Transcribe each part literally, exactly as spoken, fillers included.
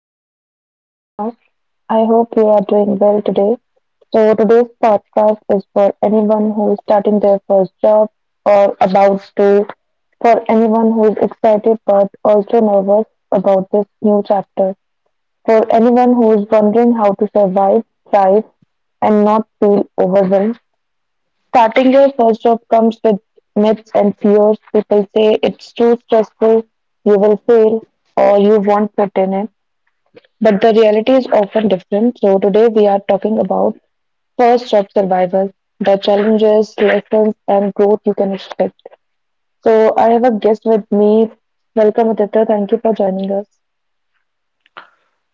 welcome back to the podcast. I hope you are doing well today. So today's podcast is for anyone who is starting their first job or about to, for anyone who is excited but also nervous about this new chapter, for anyone who is wondering how to survive, thrive, and not feel overwhelmed. Starting your first job comes with myths and fears. People say it's too stressful, you will fail, or you won't fit in it. But the reality is often different. So today we are talking about first job survival, the challenges, lessons, and growth you can expect. So I have a guest with me. Welcome, Aditya. Thank you for joining us.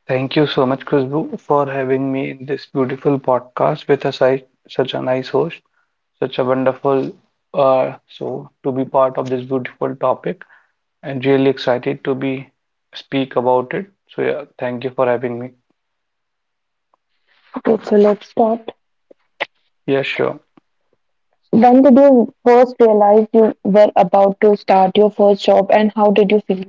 Thank you so much, Khushbu, for having me in this beautiful podcast with a si such a nice host, such a wonderful uh, so to be part of this beautiful topic and really excited to be speak about it. So yeah, thank you for having me. Okay, so let's start. Yeah, sure. When did you first realize you were about to start your first job, and how did you feel?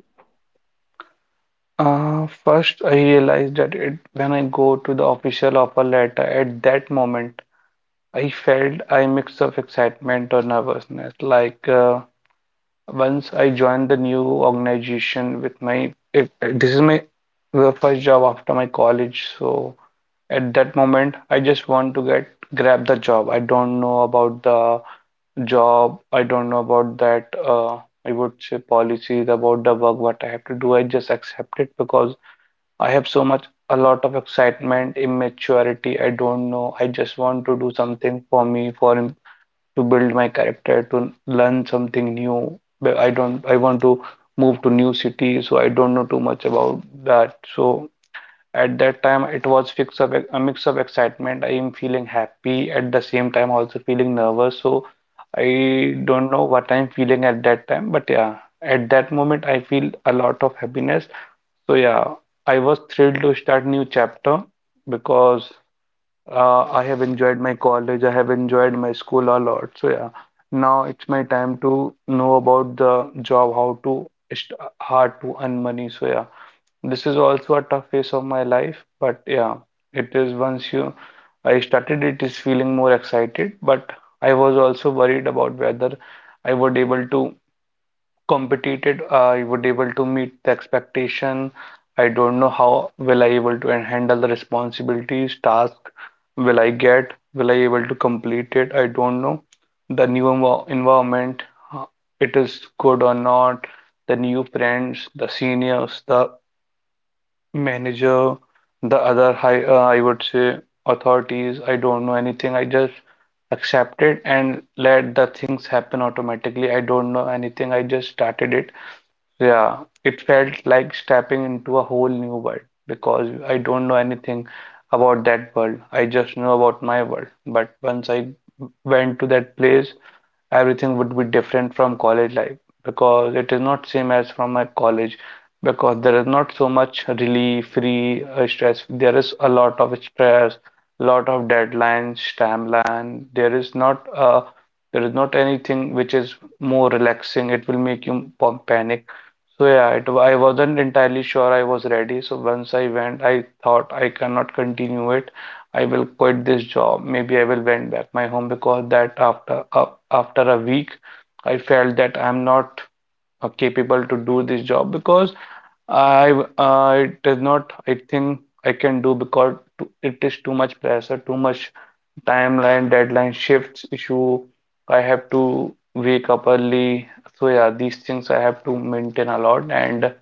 Uh, first, I realized that it when I go to the official offer letter at that moment, I felt I mix of excitement or nervousness, like. Uh, Once I joined the new organization with my, it, this is my first job after my college. So at that moment, I just want to get grab the job. I don't know about the job. I don't know about that. Uh, I would say policies about the work, what I have to do. I just accept it because I have so much, a lot of excitement, immaturity. I don't know. I just want to do something for me, for to build my character, to learn something new. But I don't, I want to move to new city, so I don't know too much about that. So at that time, it was fix of a mix of excitement. I am feeling happy at the same time, also feeling nervous. So I don't know what I'm feeling at that time, but yeah, at that moment, I feel a lot of happiness. So yeah, I was thrilled to start new chapter because uh, I have enjoyed my college. I have enjoyed my school a lot. So yeah, now it's my time to know about the job, how to st- how to earn money. So yeah, this is also a tough phase of my life, but yeah, it is once you I started it is feeling more excited, but I was also worried about whether I would able to competed, I would able to meet the expectation. I don't know how will I able to handle the responsibilities, task will I get, will I able to complete it? I don't know. The new envi- environment, uh, it is good or not. The new friends, the seniors, the manager, the other high, uh, I would say authorities. I don't know anything. I just accept it and let the things happen automatically. I don't know anything. I just started it. Yeah, it felt like stepping into a whole new world because I don't know anything about that world. I just know about my world. But once I went to that place, everything would be different from college life because it is not same as from my college because there is not so much relief, free uh, stress. There is a lot of stress, lot of deadlines, timeline. There is not a there is not anything which is more relaxing. It will make you pa- panic. So yeah, it, I wasn't entirely sure I was ready. So once I went, I thought I cannot continue it. I will quit this job. Maybe I will went back my home because that after uh, after a week, I felt that I'm not uh, capable to do this job because I uh, it is not I think I can do because t- it is too much pressure, too much timeline, deadline shifts issue. I have to wake up early. So yeah, these things I have to maintain a lot and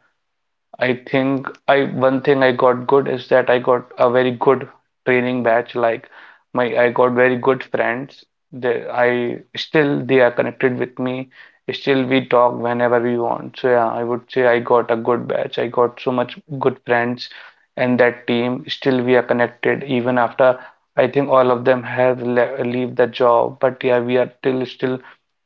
I think I one thing I got good is that I got a very good training batch. Like my I got very good friends. They I still they are connected with me. Still we talk whenever we want. So yeah, I would say I got a good batch. I got so much good friends and that team. Still we are connected even after I think all of them have le leave the job. But yeah, we are still still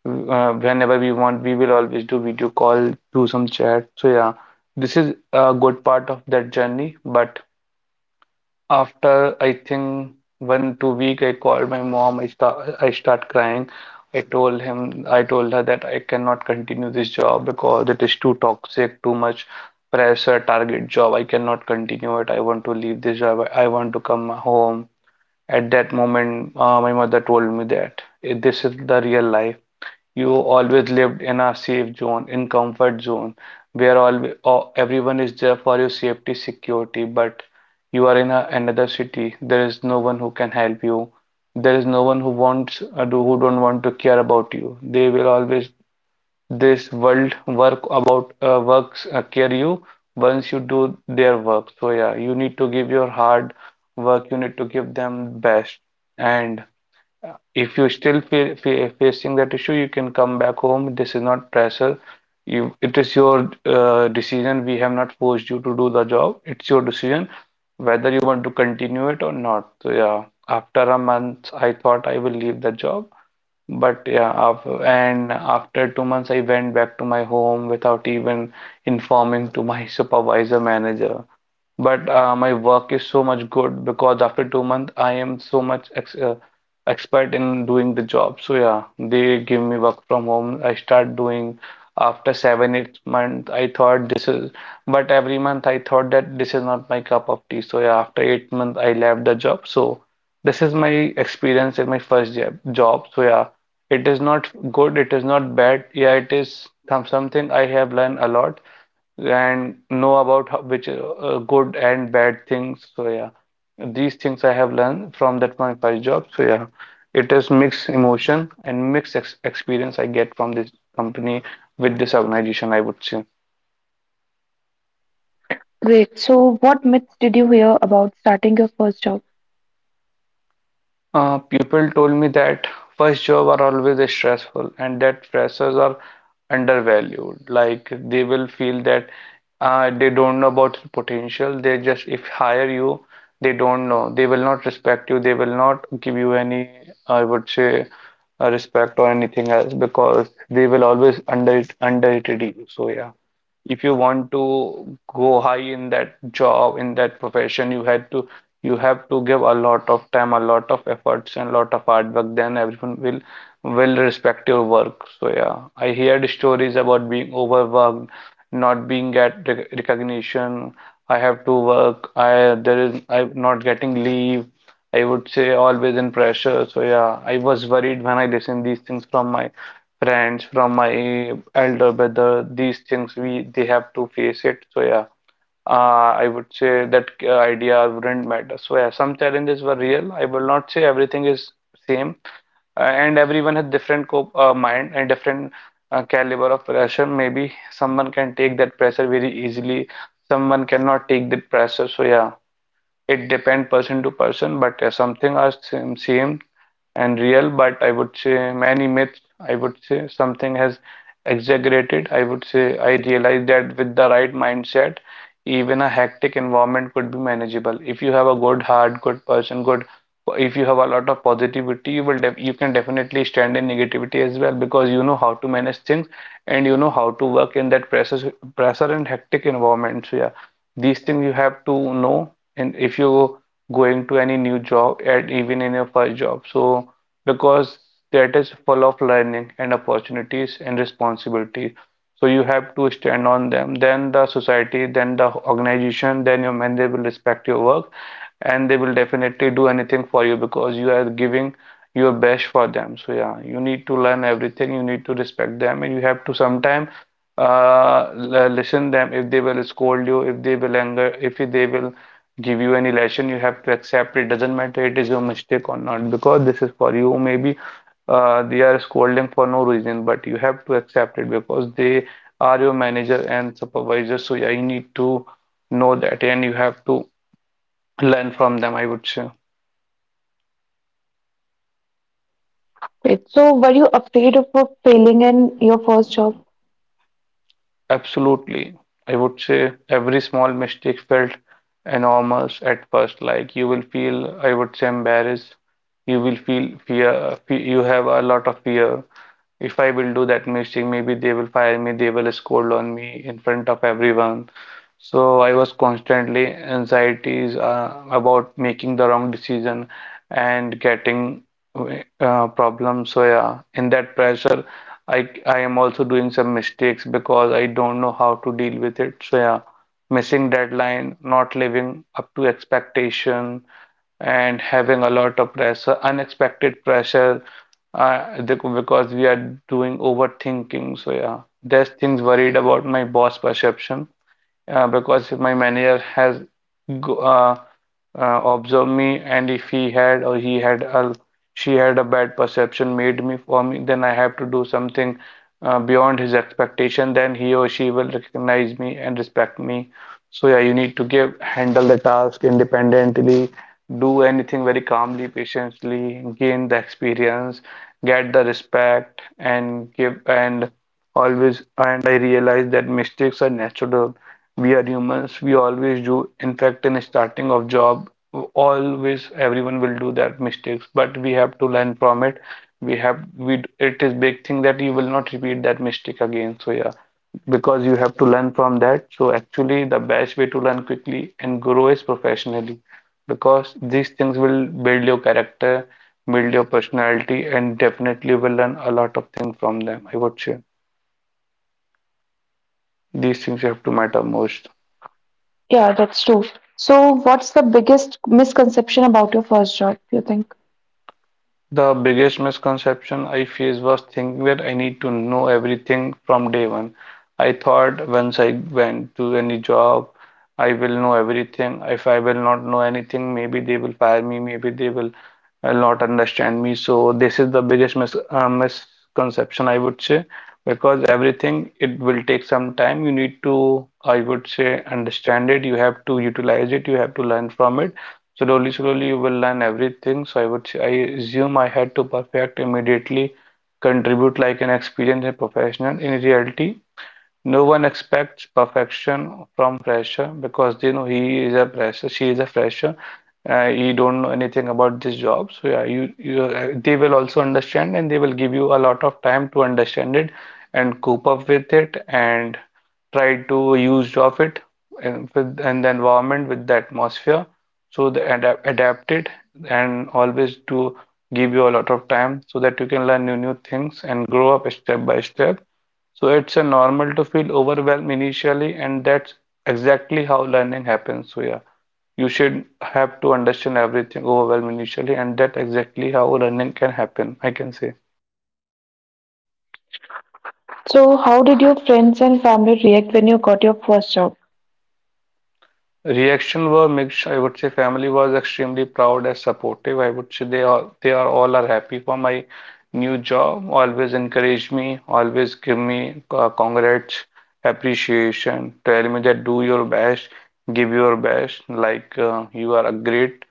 uh, whenever we want, we will always do video call, do some chat. So yeah. This is a good part of that journey, but after I think one two week I called my mom, I start I start crying. I told him I told her that I cannot continue this job because it is too toxic, too much pressure, target job. I cannot continue it. I want to leave this job. I want to come home. At that moment, uh, my mother told me that eh, this is the real life. You always lived in a safe zone, in comfort zone, where all o- everyone is there for your safety, security. But you are in a, another city. There is no one who can help you. There is no one who wants uh, do who don't want to care about you. They will always this world work about uh, works uh, care you once you do their work. So yeah, you need to give your hard work. You need to give them best. And if you still feel fa facing that issue, you can come back home. This is not pressure. You, it is your uh, decision. We have not forced you to do the job. It's your decision whether you want to continue it or not. So yeah, after a month, I thought I will leave the job. But yeah, after, and after two months, I went back to my home without even informing to my supervisor manager but uh, my work is so much good because after two months I am so much ex uh, expert in doing the job. So yeah, they give me work from home. I start doing after seven, eight months. I thought this is, but every month I thought that this is not my cup of tea. So yeah, after eight months I left the job. So this is my experience in my first job. job. So yeah, it is not good. It is not bad. Yeah, it is some something I have learned a lot and know about how, which uh, good and bad things. So yeah, these things I have learned from that my first job. So yeah, it is mixed emotion and mixed ex experience I get from this company with this organization, I would say. Great. So, what myths did you hear about starting your first job? Uh, people told me that first job are always stressful and that freshers are undervalued. Like they will feel that uh, they don't know about your potential. They just if hire you, they don't know. They will not respect you. They will not give you any, I would say, uh, respect or anything else because they will always under underrated you. So yeah if you want to go high in that job, in that profession, you had to you have to give a lot of time, a lot of efforts and a lot of hard work, then everyone will will respect your work. So yeah, I heard stories about being overworked, not being get rec- recognition. I have to work. I There is I'm not getting leave. I would say always in pressure. So yeah, I was worried when I listened these things from my friends, from my elder brother. These things we they have to face it. So yeah, uh, I would say that uh, idea wouldn't matter. So yeah, some challenges were real. I will not say everything is same, uh, and everyone has different cope uh, mind and different uh, caliber of pressure. Maybe someone can take that pressure very easily. Someone cannot take that pressure. So yeah. It depend person to person, but uh, something are same, same and real. But I would say many myths. I would say something has exaggerated. I would say I realize that with the right mindset, even a hectic environment could be manageable. If you have a good heart, good person, good. If you have a lot of positivity, you will def you can definitely stand in negativity as well because you know how to manage things and you know how to work in that pressure pressure and hectic environment. So yeah, these things you have to know and if you going to any new job and even in your first job so because that is full of learning and opportunities and responsibility so you have to stand on them then the society then the organization then your men they will respect your work and they will definitely do anything for you because you are giving your best for them so yeah you need to learn everything you need to respect them and you have to sometime uh, l- listen them if they will scold you if they will anger if they will give you any lesson you have to accept it doesn't matter it is your mistake or not because this is for you maybe uh, they are scolding for no reason but you have to accept it because they are your manager and supervisor so yeah, you need to know that and you have to learn from them I would say. Great. So, were you afraid of uh, failing in your first job? Absolutely. I would say every small mistake felt enormous at first. Like you will feel, I would say, embarrassed. You will feel fear. fe- You have a lot of fear. If I will do that mistake, maybe they will fire me, they will scold on me in front of everyone. So I was constantly anxieties uh, about making the wrong decision and getting uh, problems. So yeah, in that pressure, I I am also doing some mistakes because I don't know how to deal with it. So yeah, missing deadline, not living up to expectation, and having a lot of pressure, unexpected pressure, uh, the- because we are doing overthinking. So yeah, there's things worried about my boss perception uh, because if my manager has uh, uh, observed me and if he had or he had a, she had a bad perception made me for me, then I have to do something uh, beyond his expectation, then he or she will recognize me and respect me. So yeah, you need to give handle the task independently, do anything very calmly, patiently, gain the experience, get the respect, and give and Always. And I realize that mistakes are natural. We are humans. We always do. In fact, in starting of job, always everyone will do that mistakes. But we have to learn from it. We have we. It is big thing that you will not repeat that mistake again. So yeah, because you have to learn from that. So actually, the best way to learn quickly and grow is professionally, because these things will build your character, build your personality, and definitely will learn a lot of things from them, I would say. These things have to matter most. Yeah, that's true. So, what's the biggest misconception about your first job, you think? The biggest misconception I faced was thinking that I need to know everything from day one. I thought once I went to any job, I will know everything. If I will not know anything, maybe they will fire me, maybe they will uh, not understand me. So this is the biggest mis uh, misconception, I would say, because everything, it will take some time. You need to, I would say, understand it. You have to utilize it. You have to learn from it. Slowly, slowly you will learn everything. So I would I assume I had to perfect immediately, contribute like an experienced and professional. In reality, no one expects perfection from fresher because they know he is a fresher, she is a fresher. Uh, you don't know anything about this job, so yeah, you, you uh, they will also understand and they will give you a lot of time to understand it and cope up with it and try to use of it and with and the environment, with the atmosphere, so the adapt adapt it and always to give you a lot of time so that you can learn new new things and grow up step by step. So it's a normal to feel overwhelmed initially, and that's exactly how learning happens. So yeah, you should have to understand everything overwhelmed initially, and that's exactly how learning can happen, I can say. So, how did your friends and family react when you got your first job? Reaction were mixed. I would say family was extremely proud and supportive. I would say they are they are all are happy for my new job. Always encourage me. Always give me uh, congrats, appreciation. Tell me that do your best, give your best. Like uh, you are a great,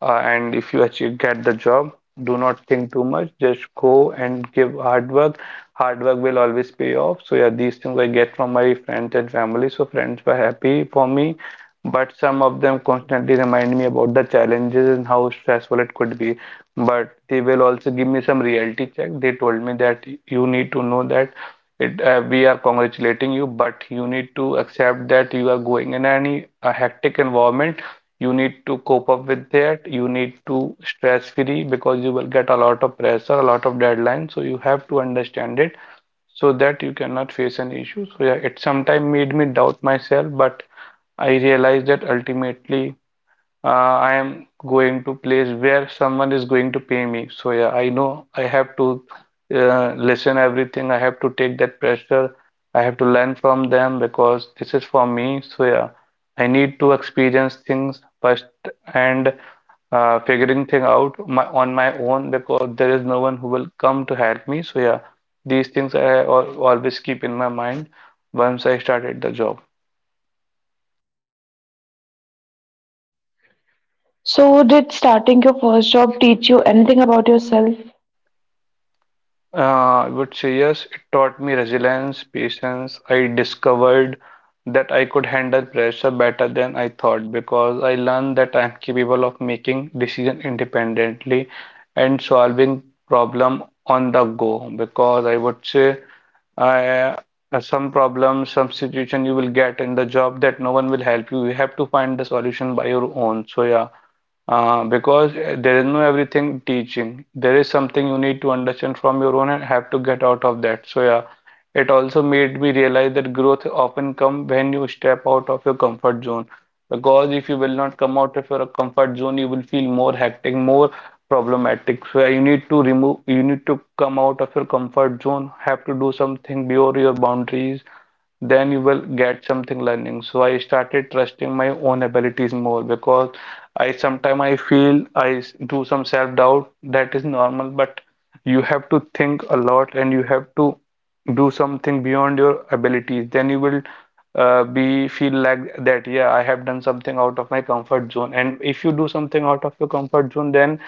uh, and if you achieve get the job, do not think too much. Just go and give hard work. Hard work will always pay off. So yeah, these things I get from my friends and family. So friends were happy for me, but some of them constantly remind me about the challenges and how stressful it could be. But they will also give me some reality check. They told me that you need to know that it, uh, we are congratulating you, but you need to accept that you are going in any a hectic environment. You need to cope up with that. You need to stress free because you will get a lot of pressure, a lot of deadlines. So you have to understand it so that you cannot face any issues. So yeah, it sometimes made me doubt myself, but I realized that ultimately uh, I am going to place where someone is going to pay me. So yeah, I know I have to uh, listen everything. I have to take that pressure. I have to learn from them because this is for me. So yeah, I need to experience things first and uh, figuring thing out my, on my own, because there is no one who will come to help me. So yeah, these things I al always keep in my mind once I started the job. So, did starting your first job teach you anything about yourself? Uh, I would say yes, it taught me resilience, patience. I discovered that I could handle pressure better than I thought, because I learned that I'm capable of making decisions independently and solving problem on the go. Because I would say I, uh, some problems, some situation you will get in the job that no one will help you. You have to find the solution by your own. So yeah, uh, because there is no everything teaching. There is something you need to understand from your own and have to get out of that. So yeah, it also made me realize that growth often comes when you step out of your comfort zone. Because if you will not come out of your comfort zone, you will feel more hectic, more problematic. So you need to remove, you need to come out of your comfort zone, have to do something beyond your boundaries, then you will get something learning. So I started trusting my own abilities more because I sometimes I feel I s- do some self-doubt, that is normal, but you have to think a lot and you have to do something beyond your abilities, then you will uh, be feel like that, yeah, I have done something out of my comfort zone, and if you do something out of your comfort zone, then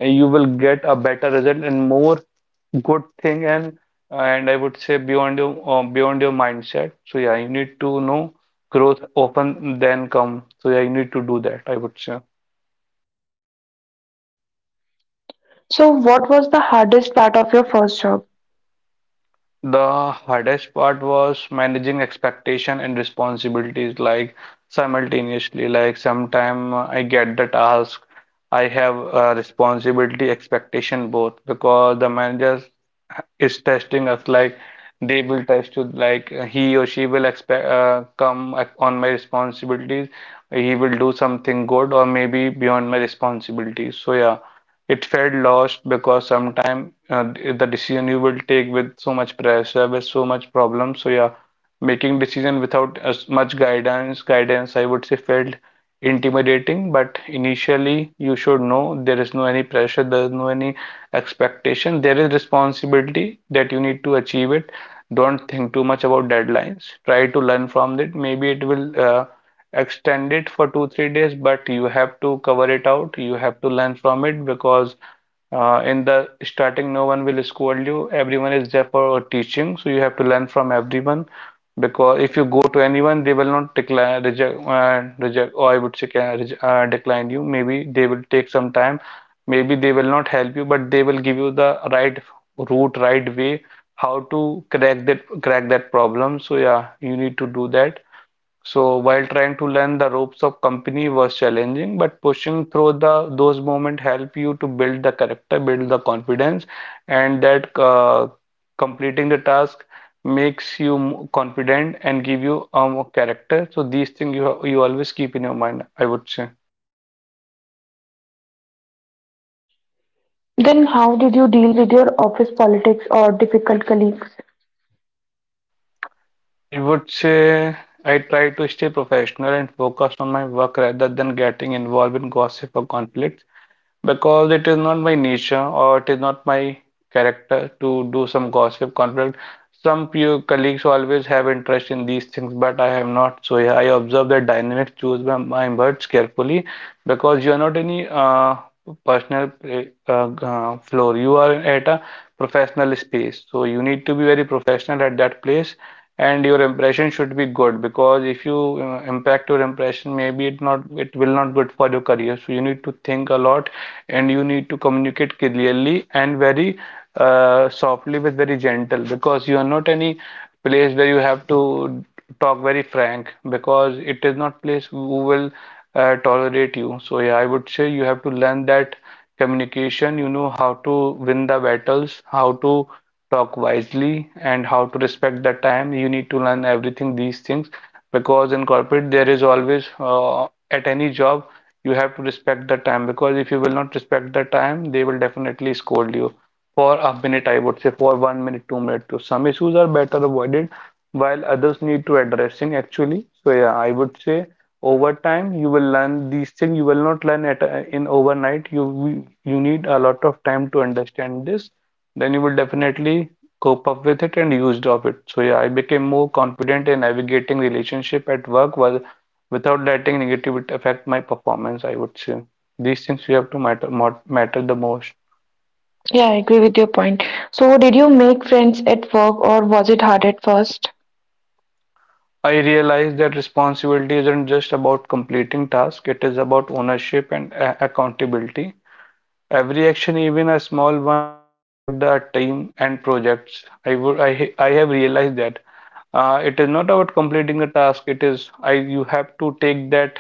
you will get a better result and more good thing, and and I would say beyond your um, beyond your mindset. So yeah, you need to know growth open then come, so yeah, you need to do that, I would say. So, what was the hardest part of your first job? The hardest part was managing expectation and responsibilities like simultaneously. Like sometime I get the task, I have a responsibility, expectation, both, because the manager is testing us. Like they will test you, like he or she will expect uh, come ac- on my responsibilities he will do something good, or maybe beyond my responsibilities. So yeah, it felt lost because sometimes uh, the decision you will take with so much pressure, with so much problem. So yeah, making decision without as much guidance, guidance I would say felt intimidating. But initially, you should know there is no any pressure, there is no any expectation, there is responsibility that you need to achieve it. Don't think too much about deadlines. Try to learn from it. Maybe it will. Uh, extend it for two three days, but you have to cover it out, you have to learn from it, because uh, in the starting no one will scold you, everyone is there for teaching, so you have to learn from everyone. Because if you go to anyone, they will not decline, reject, uh, reject or I would say uh, decline you, maybe they will take some time, maybe they will not help you, but they will give you the right route, right way, how to crack that crack that problem. So yeah, you need to do that. So while trying to learn the ropes of company was challenging, but pushing through the those moments help you to build the character, build the confidence, and that uh, completing the task makes you m- confident and give you um, a character. So these things you ha- you always keep in your mind, I would say. Then, how did you deal with your office politics or difficult colleagues? I would say I try to stay professional and focused on my work rather than getting involved in gossip or conflicts, because it is not my nature, or it is not my character to do some gossip conflict. Some few colleagues always have interest in these things, but I have not. So yeah, I observe the dynamic, choose my, my words carefully, because you are not any uh, personal uh, uh, floor. You are at a professional space, so you need to be very professional at that place, and your impression should be good, because if you uh, impact your impression, maybe it not it will not good for your career. So you need to think a lot, and you need to communicate clearly and very uh, softly with very gentle, because you are not any place where you have to talk very frank, because it is not place who will uh, tolerate you. So yeah, I would say you have to learn that communication, you know how to win the battles, how to talk wisely, and how to respect the time. You need to learn everything these things, because in corporate there is always uh, at any job you have to respect the time, because if you will not respect the time, they will definitely scold you for a minute, I would say for one minute, two minutes. So some issues are better avoided while others need to addressing actually. So yeah, I would say over time you will learn these things. You will not learn it uh, in overnight. You you need a lot of time to understand this. Then you will definitely cope up with it and used of it. So yeah, I became more confident in navigating relationship at work while without letting negativity affect my performance. I would say these things we have to matter matter the most. Yeah, I agree with your point. So, did you make friends at work or was it hard at first? I realize that responsibility isn't just about completing tasks, it is about ownership and accountability. Every action, even a small one, impact the team and projects. I would, I, I have realized that uh, it is not about completing the task. It is, I, you have to take that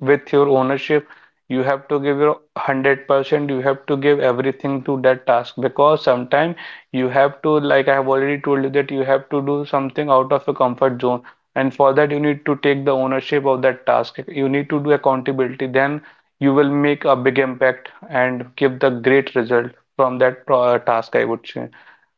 with your ownership. You have to give your one hundred percent. You have to give everything to that task, because sometimes you have to, like I have already told you, that you have to do something out of your comfort zone. And for that, you need to take the ownership of that task. You need to do accountability. Then you will make a big impact and give the great result from that pro- task, I would say.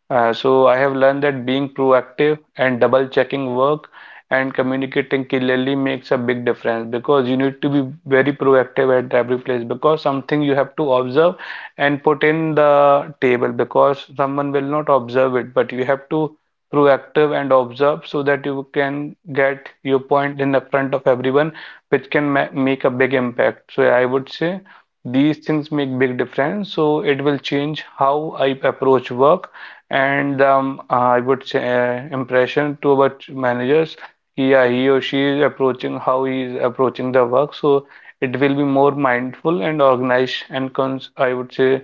Uh, so I have learned that being proactive and double checking work and communicating clearly makes a big difference, because you need to be very proactive at every place, because something you have to observe and put in the table, because someone will not observe it but you have to proactive and observe, so that you can get your point in the front of everyone, which can ma make a big impact. So I would say these things make big difference, so it will change how I approach work. And um, I would say uh, impression to about managers, yeah, he or she is approaching, how he is approaching the work. So it will be more mindful and organized and cons I would say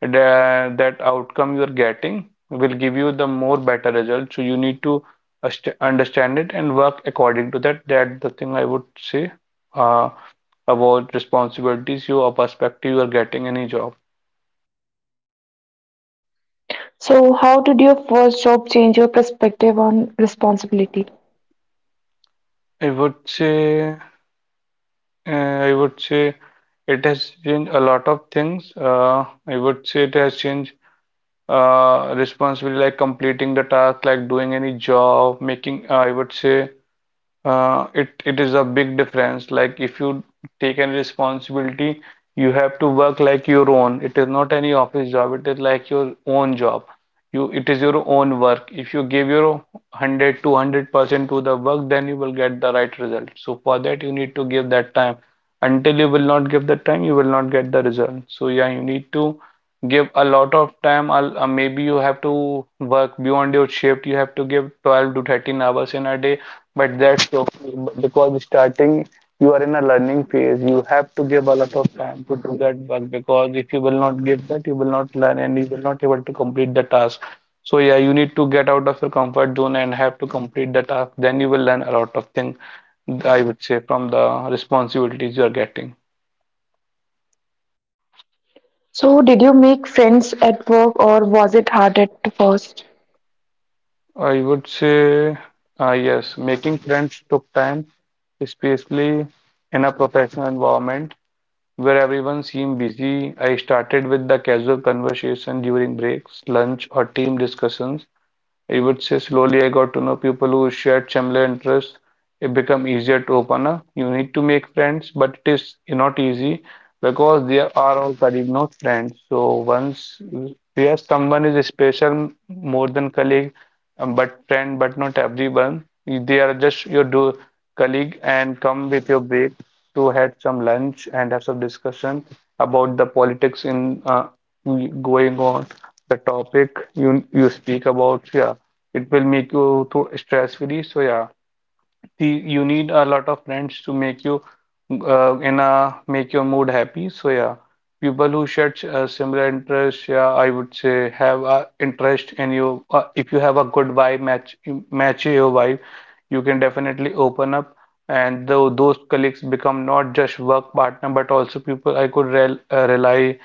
that, that outcome you are getting will give you the more better result. So you need to ast- understand it and work according to that. That the thing I would say uh, about responsibilities you or perspective you are getting any job. So, how did your first job change your perspective on responsibility? I would say. Uh, I would say it has changed a lot of things. Uh, I would say it has changed uh, responsibility, like completing the task, like doing any job, making, uh, I would say uh, it it is a big difference. Like if you take any responsibility, you have to work like your own. It is not any office job. It is like your own job. You, it is your own work. If you give your one hundred two hundred percent to the work, then you will get the right result. So for that you need to give that time. Until you will not give the time, you will not get the result. So yeah, you need to give a lot of time. I'll, uh, maybe you have to work beyond your shift, you have to give twelve to thirteen hours in a day, but that's okay, because starting you are in a learning phase. You have to give a lot of time to do that work, because if you will not give that, you will not learn and you will not able to complete the task. So yeah, you need to get out of your comfort zone and have to complete the task. Then you will learn a lot of things, I would say, from the responsibilities you are getting. So, did you make friends at work or was it hard at first? I would say, uh, yes, making friends took time, especially in a professional environment, where everyone seemed busy. I started with the casual conversation during breaks, lunch, or team discussions. I would say slowly I got to know people who shared similar interests. It become easier to open up. You need to make friends, but it is not easy, because they are all colleague, not friends. So once where someone is special more than colleague, um, but friend, but not everyone. They are just your do colleague, and come with your break to had some lunch and have some discussion about the politics in uh, going on. The topic you you speak about, yeah, it will make you too stress free. So yeah, the, you need a lot of friends to make you uh, in a make your mood happy. So yeah, people who share uh, similar interests, yeah, I would say have a interest in you. Uh, if you have a good vibe match match your vibe, you can definitely open up. And though those colleagues become not just work partner but also people I could rel uh, rely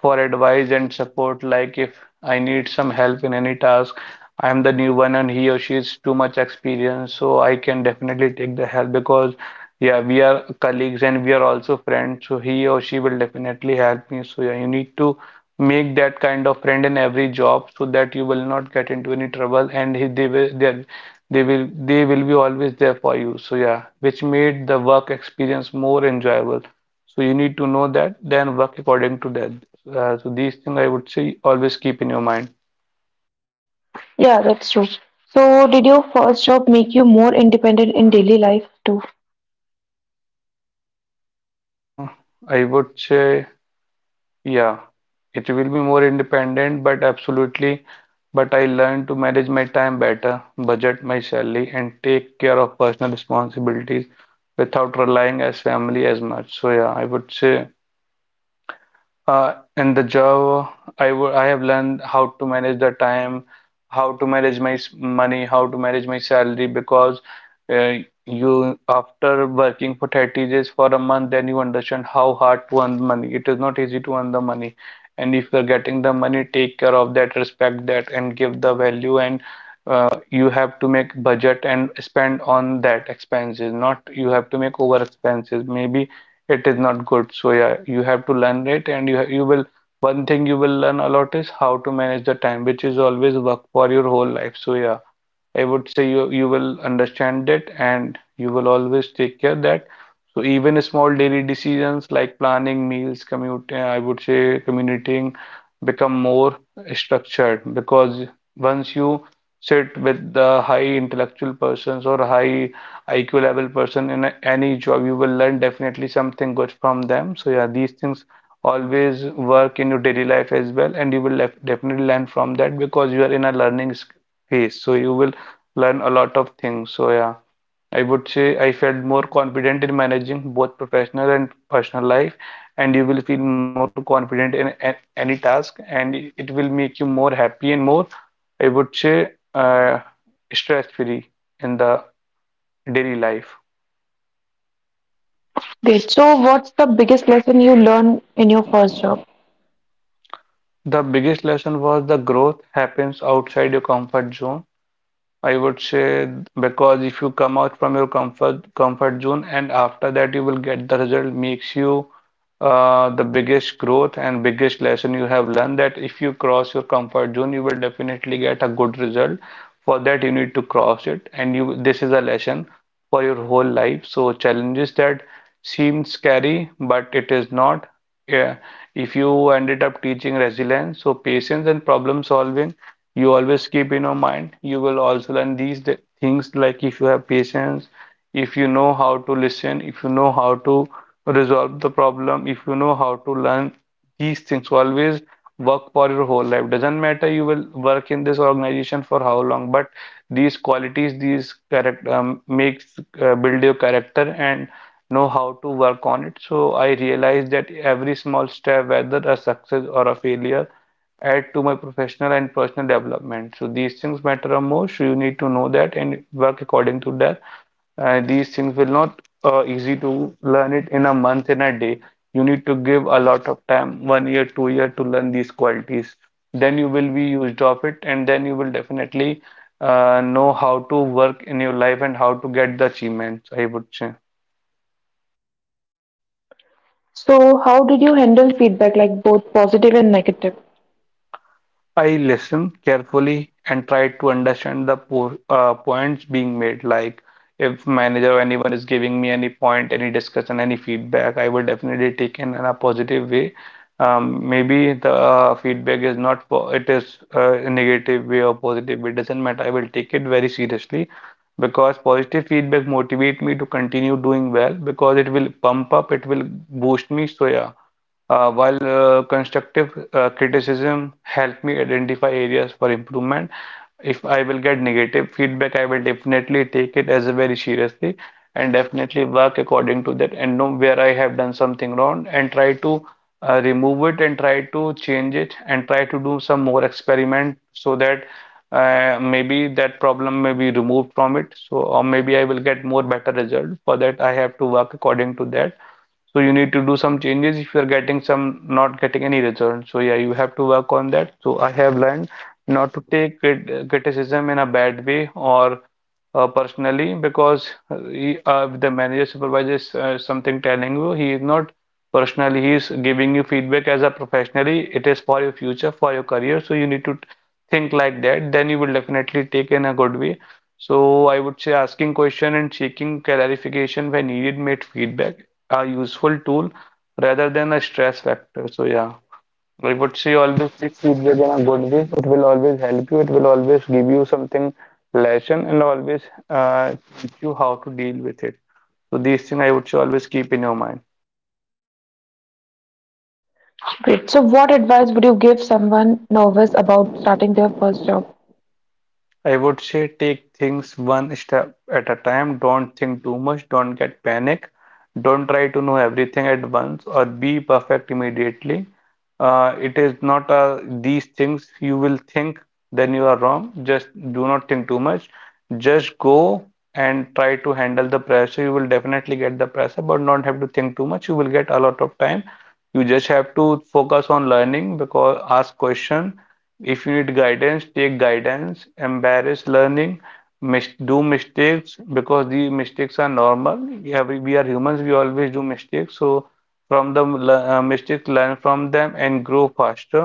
for advice and support. Like if I need some help in any task. I'm the new one and he or she is too much experienced, so I can definitely take the help, because yeah, we are colleagues and we are also friends, so he or she will definitely help me. So yeah, you need to make that kind of friend in every job, so that you will not get into any trouble, and he, they will they, they will they will be always there for you. So yeah, which made the work experience more enjoyable. So you need to know that, then work according to that. Uh, so these things I would say always keep in your mind. Yeah, that's true. So, did your first job make you more independent in daily life too? Uh, I would say, yeah, it will be more independent, but absolutely. But I learned to manage my time better, budget my salary, and take care of personal responsibilities without relying as family as much. So yeah, I would say uh, in the job, I wo- I have learned how to manage the time, how to manage my s- money, how to manage my salary, because uh, you after working for thirty days for a month, then you understand how hard to earn money. It is not easy to earn the money, and if you're getting the money, take care of that, respect that, and give the value. And uh, you have to make budget and spend on that expenses, not you have to make over expenses. Maybe it is not good. So yeah, you have to learn it, and you you will one thing you will learn a lot is how to manage the time, which is always work for your whole life. So yeah, I would say you you will understand it and you will always take care that. So even small daily decisions like planning meals, commute, uh, I would say commuting become more structured, because once you sit with the high intellectual persons or high I Q level person in a, any job, you will learn definitely something good from them. So yeah, these things always work in your daily life as well, and you will def- definitely learn from that, because you are in a learning sc- phase. So you will learn a lot of things. So yeah, I would say I felt more confident in managing both professional and personal life, and you will feel more confident in, a- any task, and it will make you more happy and more, I would say, uh, stress-free in the daily life. Great. So, what's the biggest lesson you learned in your first job? The biggest lesson was the growth happens outside your comfort zone. I would say, because if you come out from your comfort comfort zone, and after that you will get the result, makes you uh, the biggest growth and biggest lesson you have learned, that if you cross your comfort zone you will definitely get a good result. For that you need to cross it, and you, this is a lesson for your whole life. So challenges that seem scary, but it is not. Yeah, if you ended up teaching resilience, so patience and problem solving, you always keep in your mind. You will also learn these th things, like if you have patience, if you know how to listen, if you know how to resolve the problem, if you know how to learn these things. So always work for your whole life. Doesn't matter you will work in this organization for how long, but these qualities, these character um, makes uh, build your character and know how to work on it. So I realized that every small step, whether a success or a failure, add to my professional and personal development. So these things matter the most. So you need to know that and work according to that. And these things will not uh, easy to learn it in a month, in a day. You need to give a lot of time, one year, two year to learn these qualities. Then you will be used of it, and then you will definitely uh, know how to work in your life and how to get the achievements, I would say. So, how did you handle feedback, like both positive and negative? I listened carefully and tried to understand the po uh, points being made. Like if manager or anyone is giving me any point, any discussion, any feedback, I would definitely take in in a positive way. Um, Maybe the uh, feedback is not po it is uh, a negative way or positive way. It doesn't matter. I will take it very seriously because positive feedback motivate me to continue doing well because it will pump up, it will boost me. So yeah. Uh, while uh, constructive uh, criticism help me identify areas for improvement, if I will get negative feedback, I will definitely take it as a very seriously and definitely work according to that and know where I have done something wrong and try to uh, remove it and try to change it and try to do some more experiment so that uh, maybe that problem may be removed from it. So, or maybe I will get more better result. For that, I have to work according to that, so you need to do some changes if you're getting some, not getting any return. So yeah, you have to work on that. So I have learned not to take crit- criticism in a bad way or uh, personally, because uh, he, uh, if the manager supervisor is uh, something telling you, he is not personally, he is giving you feedback as a professionally, it is for your future, for your career, so you need to think like that. Then you will definitely take in a good way. So I would say asking question and seeking clarification when needed made feedback a useful tool rather than a stress factor. So yeah, I would say always take feedback in a good way. It will always help you. It will always give you something lesson and always uh, teach you how to deal with it. So these things I would say always keep in your mind. Great. So, what advice would you give someone nervous about starting their first job? I would say take things one step at a time. Don't think too much. Don't get panic. Don't try to know everything at once or be perfect immediately. Uh, it is not uh, these things you will think, then you are wrong. Just do not think too much. Just go and try to handle the pressure. You will definitely get the pressure, but not have to think too much. You will get a lot of time. You just have to focus on learning, because ask question, if you need guidance, take guidance. Embrace learning. Mis do mistakes, because the mistakes are normal. Yeah, we, we are humans. We always do mistakes. So from the le- uh, mistakes, learn from them and grow faster.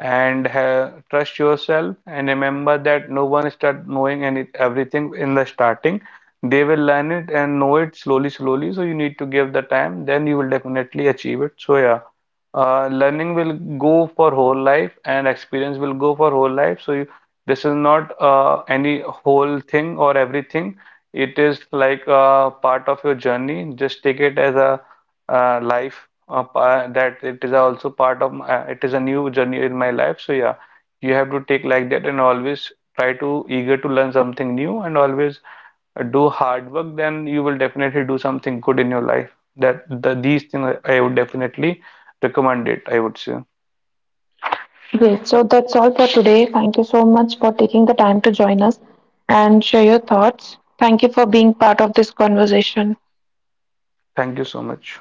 And ha trust yourself. And remember that no one start knowing any everything in the starting. They will learn it and know it slowly, slowly. So you need to give the time. Then you will definitely achieve it. So yeah, uh, learning will go for whole life and experience will go for whole life. So you, this is not uh, any whole thing or everything. It is like a part of your journey. Just take it as a uh, life uh, pa- that it is also part of my, uh, it is a new journey in my life. So yeah, you have to take like that and always try to eager to learn something new and always do hard work, then you will definitely do something good in your life. That the, these things I I would definitely recommend it, I would say. Great. So, that's all for today. Thank you so much for taking the time to join us and share your thoughts. Thank you for being part of this conversation. Thank you so much.